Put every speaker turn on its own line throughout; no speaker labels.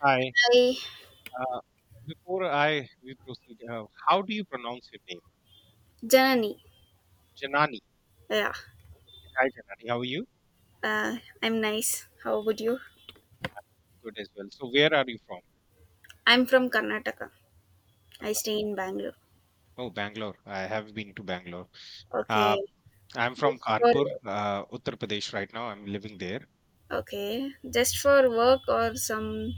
Hi.
Hi,
Uh, Before I we proceed, how do you pronounce your name?
Janani.
Janani.
Yeah,
Hi, Janani. How are you?
uh, I'm nice. How about you?
Good as well. So, where are you from?
I'm from Karnataka. I stay in Bangalore.
Oh, Bangalore. I have been to Bangalore. Uh,
Okay,
I'm from
just for
Kanpur, Uttar Pradesh. Right now, I'm living there.
okay, just for work or some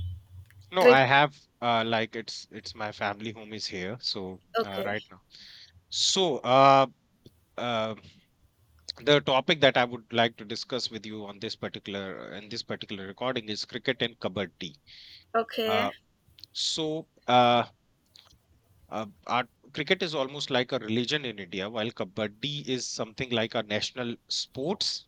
No, I
trip.
have like it's my family home is here. So
Okay,
right now. So uh, the topic that I would like to discuss with you on this particular recording is cricket and kabaddi.
okay.
Uh, so uh, our cricket is almost like a religion in India, while kabaddi is something like a national sports.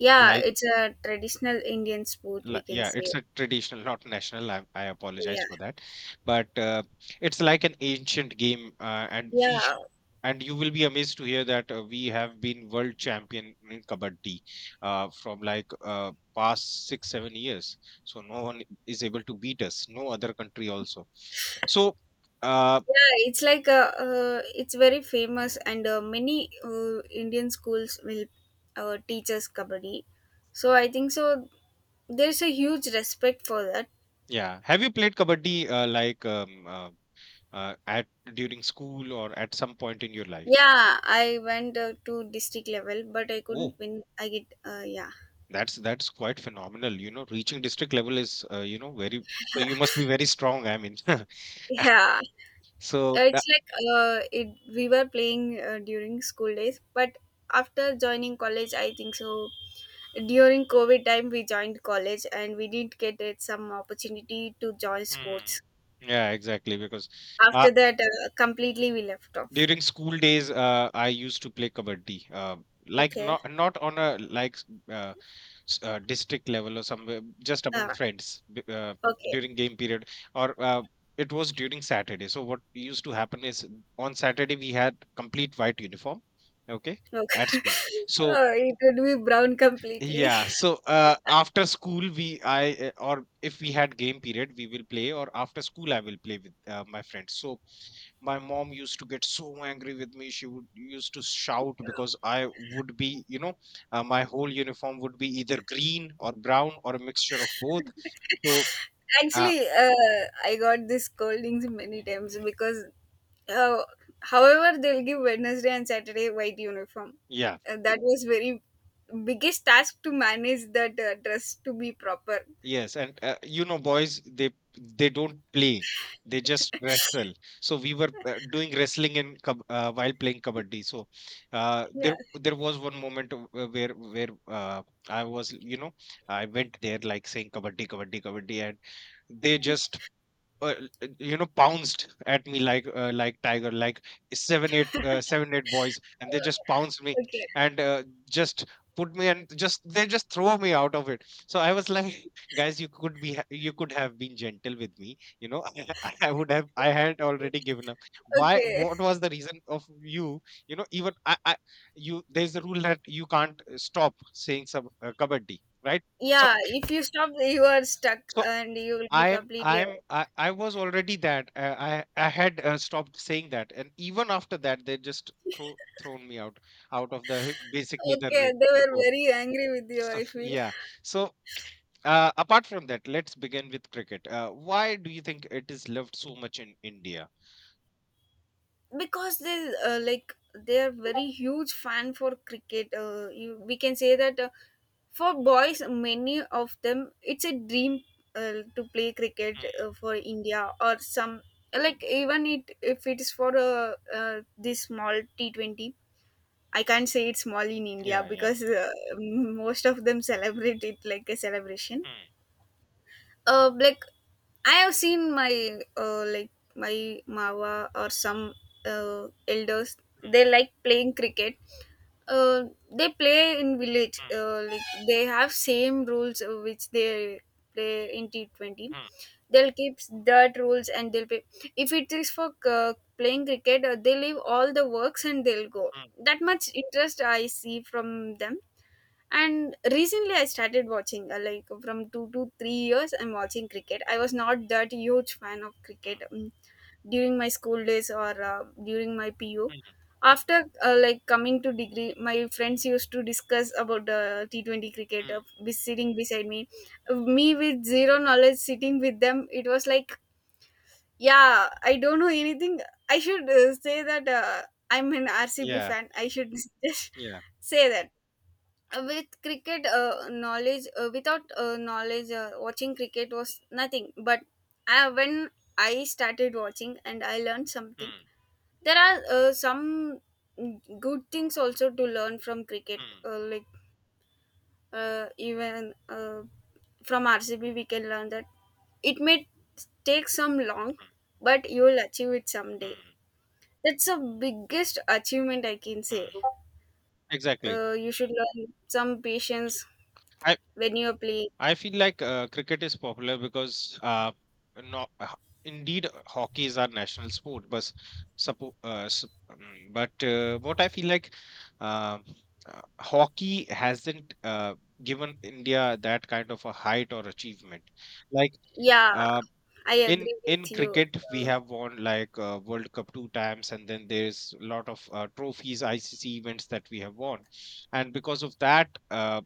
Yeah,
Like,
it's a traditional Indian sport, we can
yeah,
say.
it's a traditional, not national. I apologize
Yeah,
for that, but it's like an ancient game, uh, and we
yeah.
and you will be amazed to hear that we have been world champion in kabaddi from past 6-7 years. So no one is able to beat us. No other country also. So. Uh,
Yeah, it's like a. It's very famous, and many Indian schools will teach us kabaddi. So I think so. There's a huge respect for that.
Yeah. Have you played kabaddi like at during school or at some point in your life?
Yeah, I went to district level, but I couldn't
Oh,
win. I get yeah.
that's quite phenomenal. You know, reaching district level is, you know, very, so you must be very strong. I mean,
Yeah.
so that,
It's like it We were playing during school days, but after joining college, I think so. During COVID time, we joined college and we didn't get it some opportunity to join
Hmm.
sports.
Yeah, exactly, because uh,
After that, completely we left off.
during school days I used to play kabaddi, like
Okay.
not on a, like, uh, district level or somewhere, just among
ah,
friends,
okay.
during game period, or it was during Saturday. So what used to happen is, on Saturday we had complete white uniform, okay, at
Okay.
school. So
It would be brown completely.
yeah, so after school we, I or if we had game period we will play, or after school I will play with my friends. So my mom used to get so angry with me. She would used to shout because I would be, you know, my whole uniform would be either green or brown or a mixture of both. So uh,
Actually, I got these scoldings many times because, uh, however, they'll give Wednesday and Saturday white uniform.
yeah.
That was very biggest task to manage that dress to be proper.
Yes, and you know, boys, they don't play; they just wrestle. So we were doing wrestling in while playing kabaddi. So uh,
Yeah.
there there was one moment, where I was, you know, I went there like saying kabaddi, kabaddi, kabaddi, and they just, uh, you know, pounced at me like tiger, like 7-8 boys, and they just pounced me
Okay.
and just put me, and just they just throw me out of it. So I was like, guys, you could be you could have been gentle with me, you know. I would have I had already given up. Why,
Okay.
what was the reason of you know even I you there's a rule that you can't stop saying some kabaddi, right? So,
Yeah. If you stop, you are stuck,
so
and you will be
I'm,
completely
I'm
out.
I, I was already that, I had stopped saying that, and even after that, they just thrown me out, out of the, basically, the
Okay,
ring,
they
the
were
court.
very angry with you,
So,
I feel.
yeah. So, apart from that, let's begin with cricket. Why do you think it is loved so much in India?
Because they like they are very huge fan for cricket, we can say that. For boys, many of them it's a dream to play cricket
Mm,
for India or some, like, even it if it is for this small T20. I can't say it's small in India,
yeah, yeah.
because most of them celebrate it like a celebration.
Mm,
Like, I have seen my, like my mawa or some elders.
mm,
They like playing cricket. uh they play in village, like they have same rules, which they play in T20.
mm,
They'll keep that rules and they'll play. If it is for playing cricket, they leave all the works and they'll go.
mm, mm,
That much interest I see from them. And recently, I started watching, like, from 2 to 3 years. I'm watching cricket. I was not that huge fan of cricket during my school days, or during my PU.
mm, mm, mm,
After like coming to degree, my friends used to discuss about the T 20 cricket.
mm.
Be sitting beside me, me with zero knowledge, sitting with them. It was like, yeah, I don't know anything. I should say that I'm an RCB
Yeah,
fan. I should just
yeah.
say that. With cricket knowledge, without knowledge, watching cricket was nothing, but when I started watching and I learned something,
Mm,
there are some good things also to learn from cricket,
mm,
like even from RCB we can learn that it may take some long,
mm,
but you will achieve it someday.
mm,
That's the biggest achievement, I can say.
mm. Exactly.
You should learn some patience when you're playing.
I feel like cricket is popular because, no, ho- indeed, hockey is our national sport. But, but what I feel like, uh, hockey hasn't given India that kind of a height or achievement. Like,
Yeah,
uh,
I agree
in
with you.
cricket we
Uh,
have won like world cup two times, and then there's a lot of trophies, ICC events that we have won. And because of that,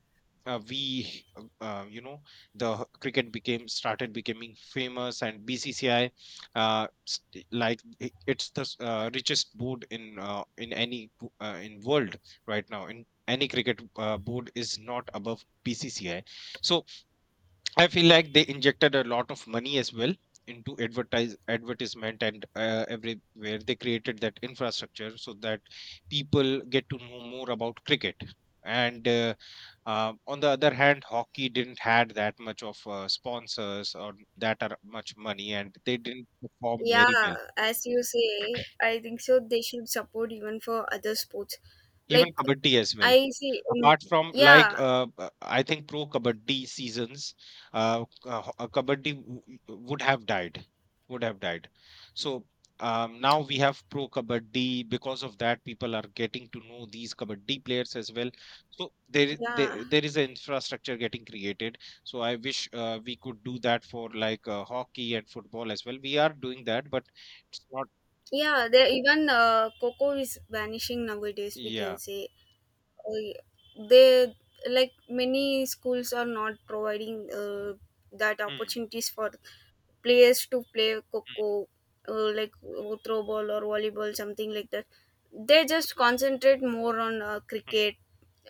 we you know, cricket became started becoming famous, and BCCI, it's the richest board in, in world. Right now, in any cricket board is not above BCCI. So I feel like they injected a lot of money as well into advertisement, and everywhere they created that infrastructure, so that people get to know more about cricket. And on the other hand, hockey didn't had that much of sponsors or that are much money, and they didn't perform
yeah,
very well.
as you say, I think so. They should support even for other sports.
Even
Like,
kabaddi as well.
I see,
Apart from
yeah,
I think pro kabaddi seasons, kabaddi would have died. So, now we have pro kabaddi. Because of that, people are getting to know these kabaddi players as well. So there,
yeah,
there is an infrastructure getting created. So I wish we could do that for like hockey and football as well. We are doing that, but it's not.
yeah. There even coco is vanishing nowadays, we can
Yeah.
say. Oh, yeah. They, like, many schools are not providing that
Hmm,
opportunities for players to play
hmm,
coco, like throw ball or volleyball, something like that. They just concentrate more on
hmm,
cricket,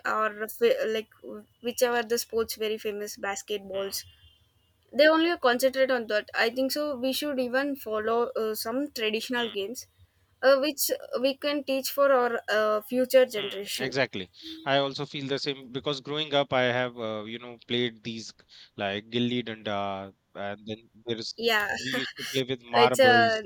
or like whichever the sports very famous
hmm,
basketballs. They only concentrate on that, I think so. We should even follow some traditional
hmm.
games, which we can teach for our future
Hmm,
generation.
exactly. I also feel the same, because growing up, I have, you know, played these like gilli danda, and then there's,
Yeah.
we used to play with
It's
marbles.
a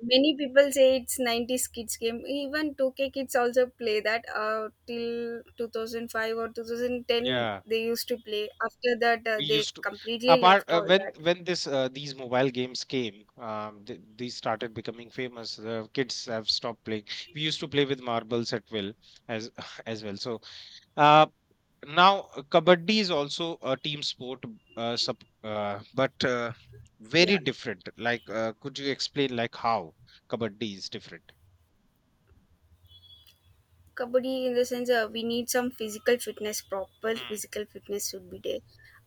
Many people say it's 90s kids game. Even 2K kids also play that. Till 2005 or 2010
Yeah,
they used to play. After that,
we
they
used to.
completely
Apart,
left
uh,
all
when
that.
when this, these mobile games came, th these started becoming famous. The kids have stopped playing. We used to play with marbles at will, as as well. So uh, now, kabaddi is also a team sport, but very
Yeah,
different. Like, could you explain like how kabaddi is different?
kabaddi, in the sense, we need some physical fitness. Proper
Mm,
physical fitness should be there.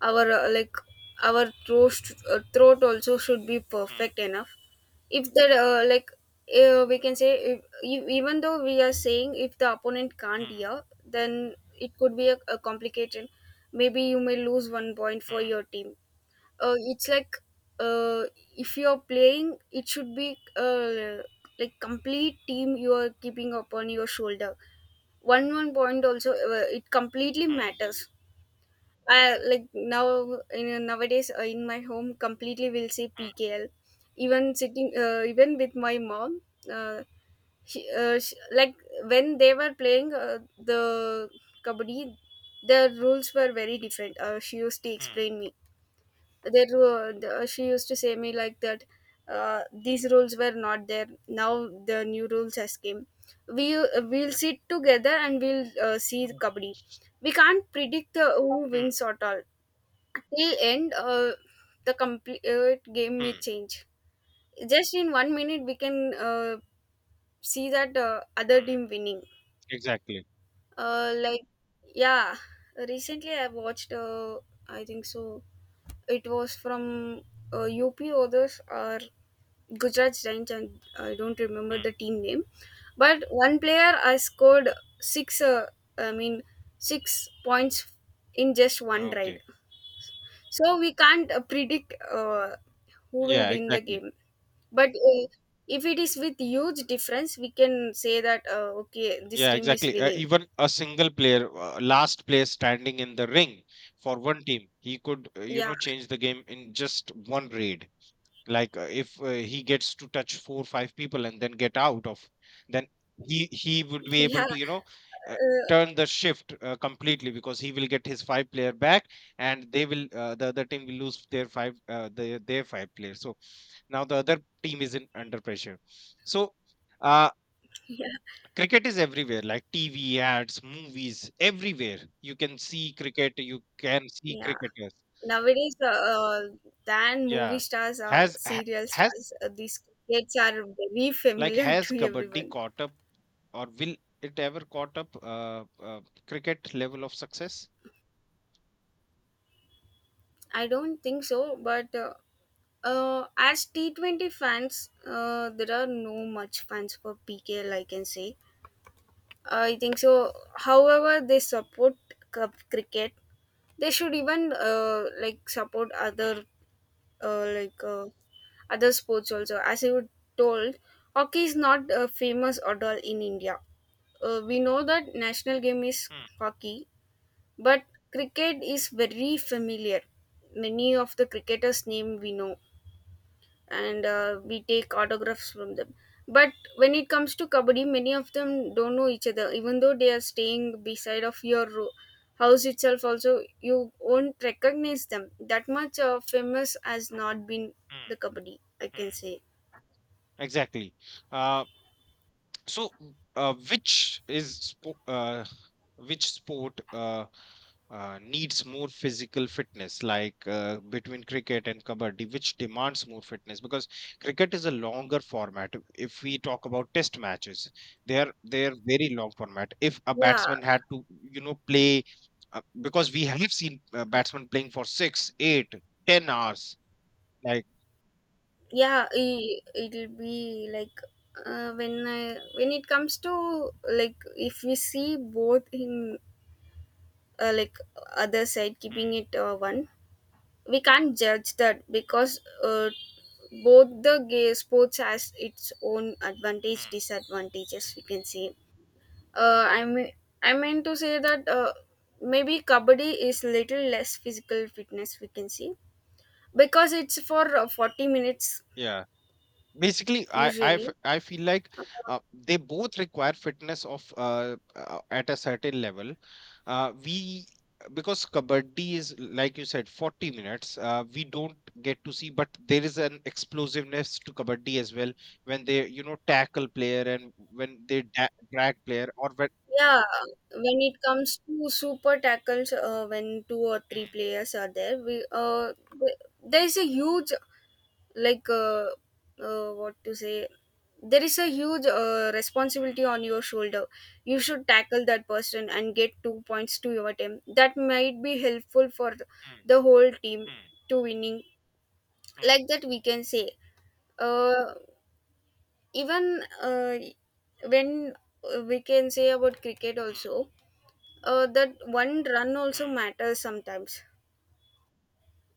Our, like our throat also should be
mm,
perfect enough. If the like We can say if, even though we are saying if the opponent can't hear, then it could be a complication. Maybe you may lose 1 point for
mm,
your team. It's like, uh, if you're playing, it should be like complete team you are keeping upon your shoulder. One point also, it completely
mm, mm,
matters. I, like, now, in nowadays, in my home completely will say pkl. Even sitting, even with my mom, uh, she, like, when they were playing the kabaddi, the rules were very different. She used to
mm,
explain me. She used to say me like that these rules were not there, now the new rules has came. We'll sit together and we'll see the kabaddi. We can't predict the who
mm,
wins at all. The end, the complete game may
mm,
change. Just in 1 minute we can see that other
mm,
team winning.
exactly.
uh, like yeah, recently I watched, I think so it was from UP others or Gujarat Giants, and I don't remember
Mm.
the team name. But one player, I scored six, I mean, 6 points in just one ride.
Okay.
So we can't predict who will
Yeah,
win the
exactly.
game. But if it is with huge difference, we can say that okay, this
Yeah,
team is
exactly.
winning.
Even a single player, last player standing in the ring for one team, he could, you
Yeah.
know, change the game in just one raid. Like, if he gets to touch four or five people and then get out of, then he would be able
Yeah,
to, you know, uh,
uh,
turn the shift completely, because he will get his five player back, and they will, the other team will lose their five, their five players. So now the other team is in under pressure. So uh,
yeah,
cricket is everywhere. Like, TV ads, movies, everywhere you can see cricket, you can see
yeah.
cricketers.
Nowadays, than movie
Yeah.
stars or
has ha-
serial
has
stars, these kids are very
Like,
familiar
has
to
kabaddi
everyone.
caught up, or will it ever caught up cricket level of success?
I don't think so, but as T20 fans, there are no much fans for PKL, I can say. I think so. However, they support cup cricket. They should even like support other,
Mm,
uh, like uh, other sports also. As you told, hockey is not famous at all in India. We know that national game is
mm,
hockey, but cricket is very familiar. Many of the cricketers' name we know, and we take autographs from them. But when it comes to kabaddi, many of them don't know each other, even though they are staying beside of your house itself. Also you won't recognize them. That much famous has not been the
mm,
kabaddi, I can
mm.
say.
Exactly. Uh, So, uh, which is spo- uh, which sport needs more physical fitness? Like, between cricket and kabaddi, which demands more fitness? Because cricket is a longer format. If we talk about test matches, they're very long format. If a
Yeah,
batsman had to, you know, play, because we have seen batsmen playing for 6, 8, 10 hours, like.
yeah, it'll be like, when it comes to, like, if we see both in, like other side
Hmm,
keeping it, one, we can't judge that, because both the gay sports has its own advantage
hmm.
disadvantages, we can say. I mean, I meant to say that maybe kabaddi is little less physical fitness, we can see, because it's for 40 minutes
Yeah. Basically,
usually.
I feel like
uh,
they both require fitness of, at a certain level. We Because kabaddi is, like you said, 40 minutes, we don't get to see, but there is an explosiveness to kabaddi as well, when they, you know, tackle player, and when they drag player, or when.
yeah. When it comes to super tackles, when two or three
Mm,
players are there, th- there is a huge, like uh, what to say, there is a huge responsibility on your shoulder. You should tackle that person and get 2 points to your team, that might be helpful for
mm,
the whole team
mm,
to winning,
mm,
like that, we can say. Uh, even when We can say about cricket
mm, mm,
also, that one run also
mm,
matters sometimes.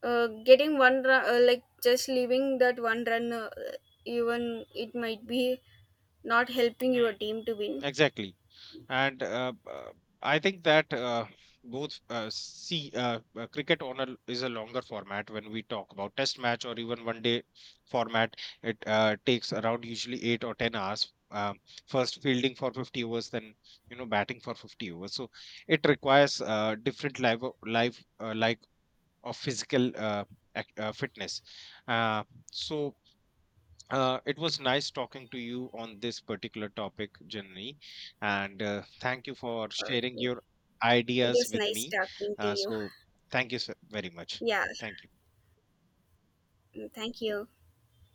Getting one run, like just leaving that one run, even it might be not helping your
mm.
team to win.
Exactly. And I think that, both see cricket on a, is a longer format when we talk about test match or even one day format. It takes around usually 8 or 10 hours. First fielding for 50 overs, then, you know, batting for 50 overs. So it requires, different live life, of physical, fitness. Uh, so, it was nice talking to you on this particular topic, Janani, and thank you for sharing
Okay.
your
It
ideas
is
with
nice
me.
talking to you.
So, thank you very much.
Yeah.
Thank you.
Mm, thank you.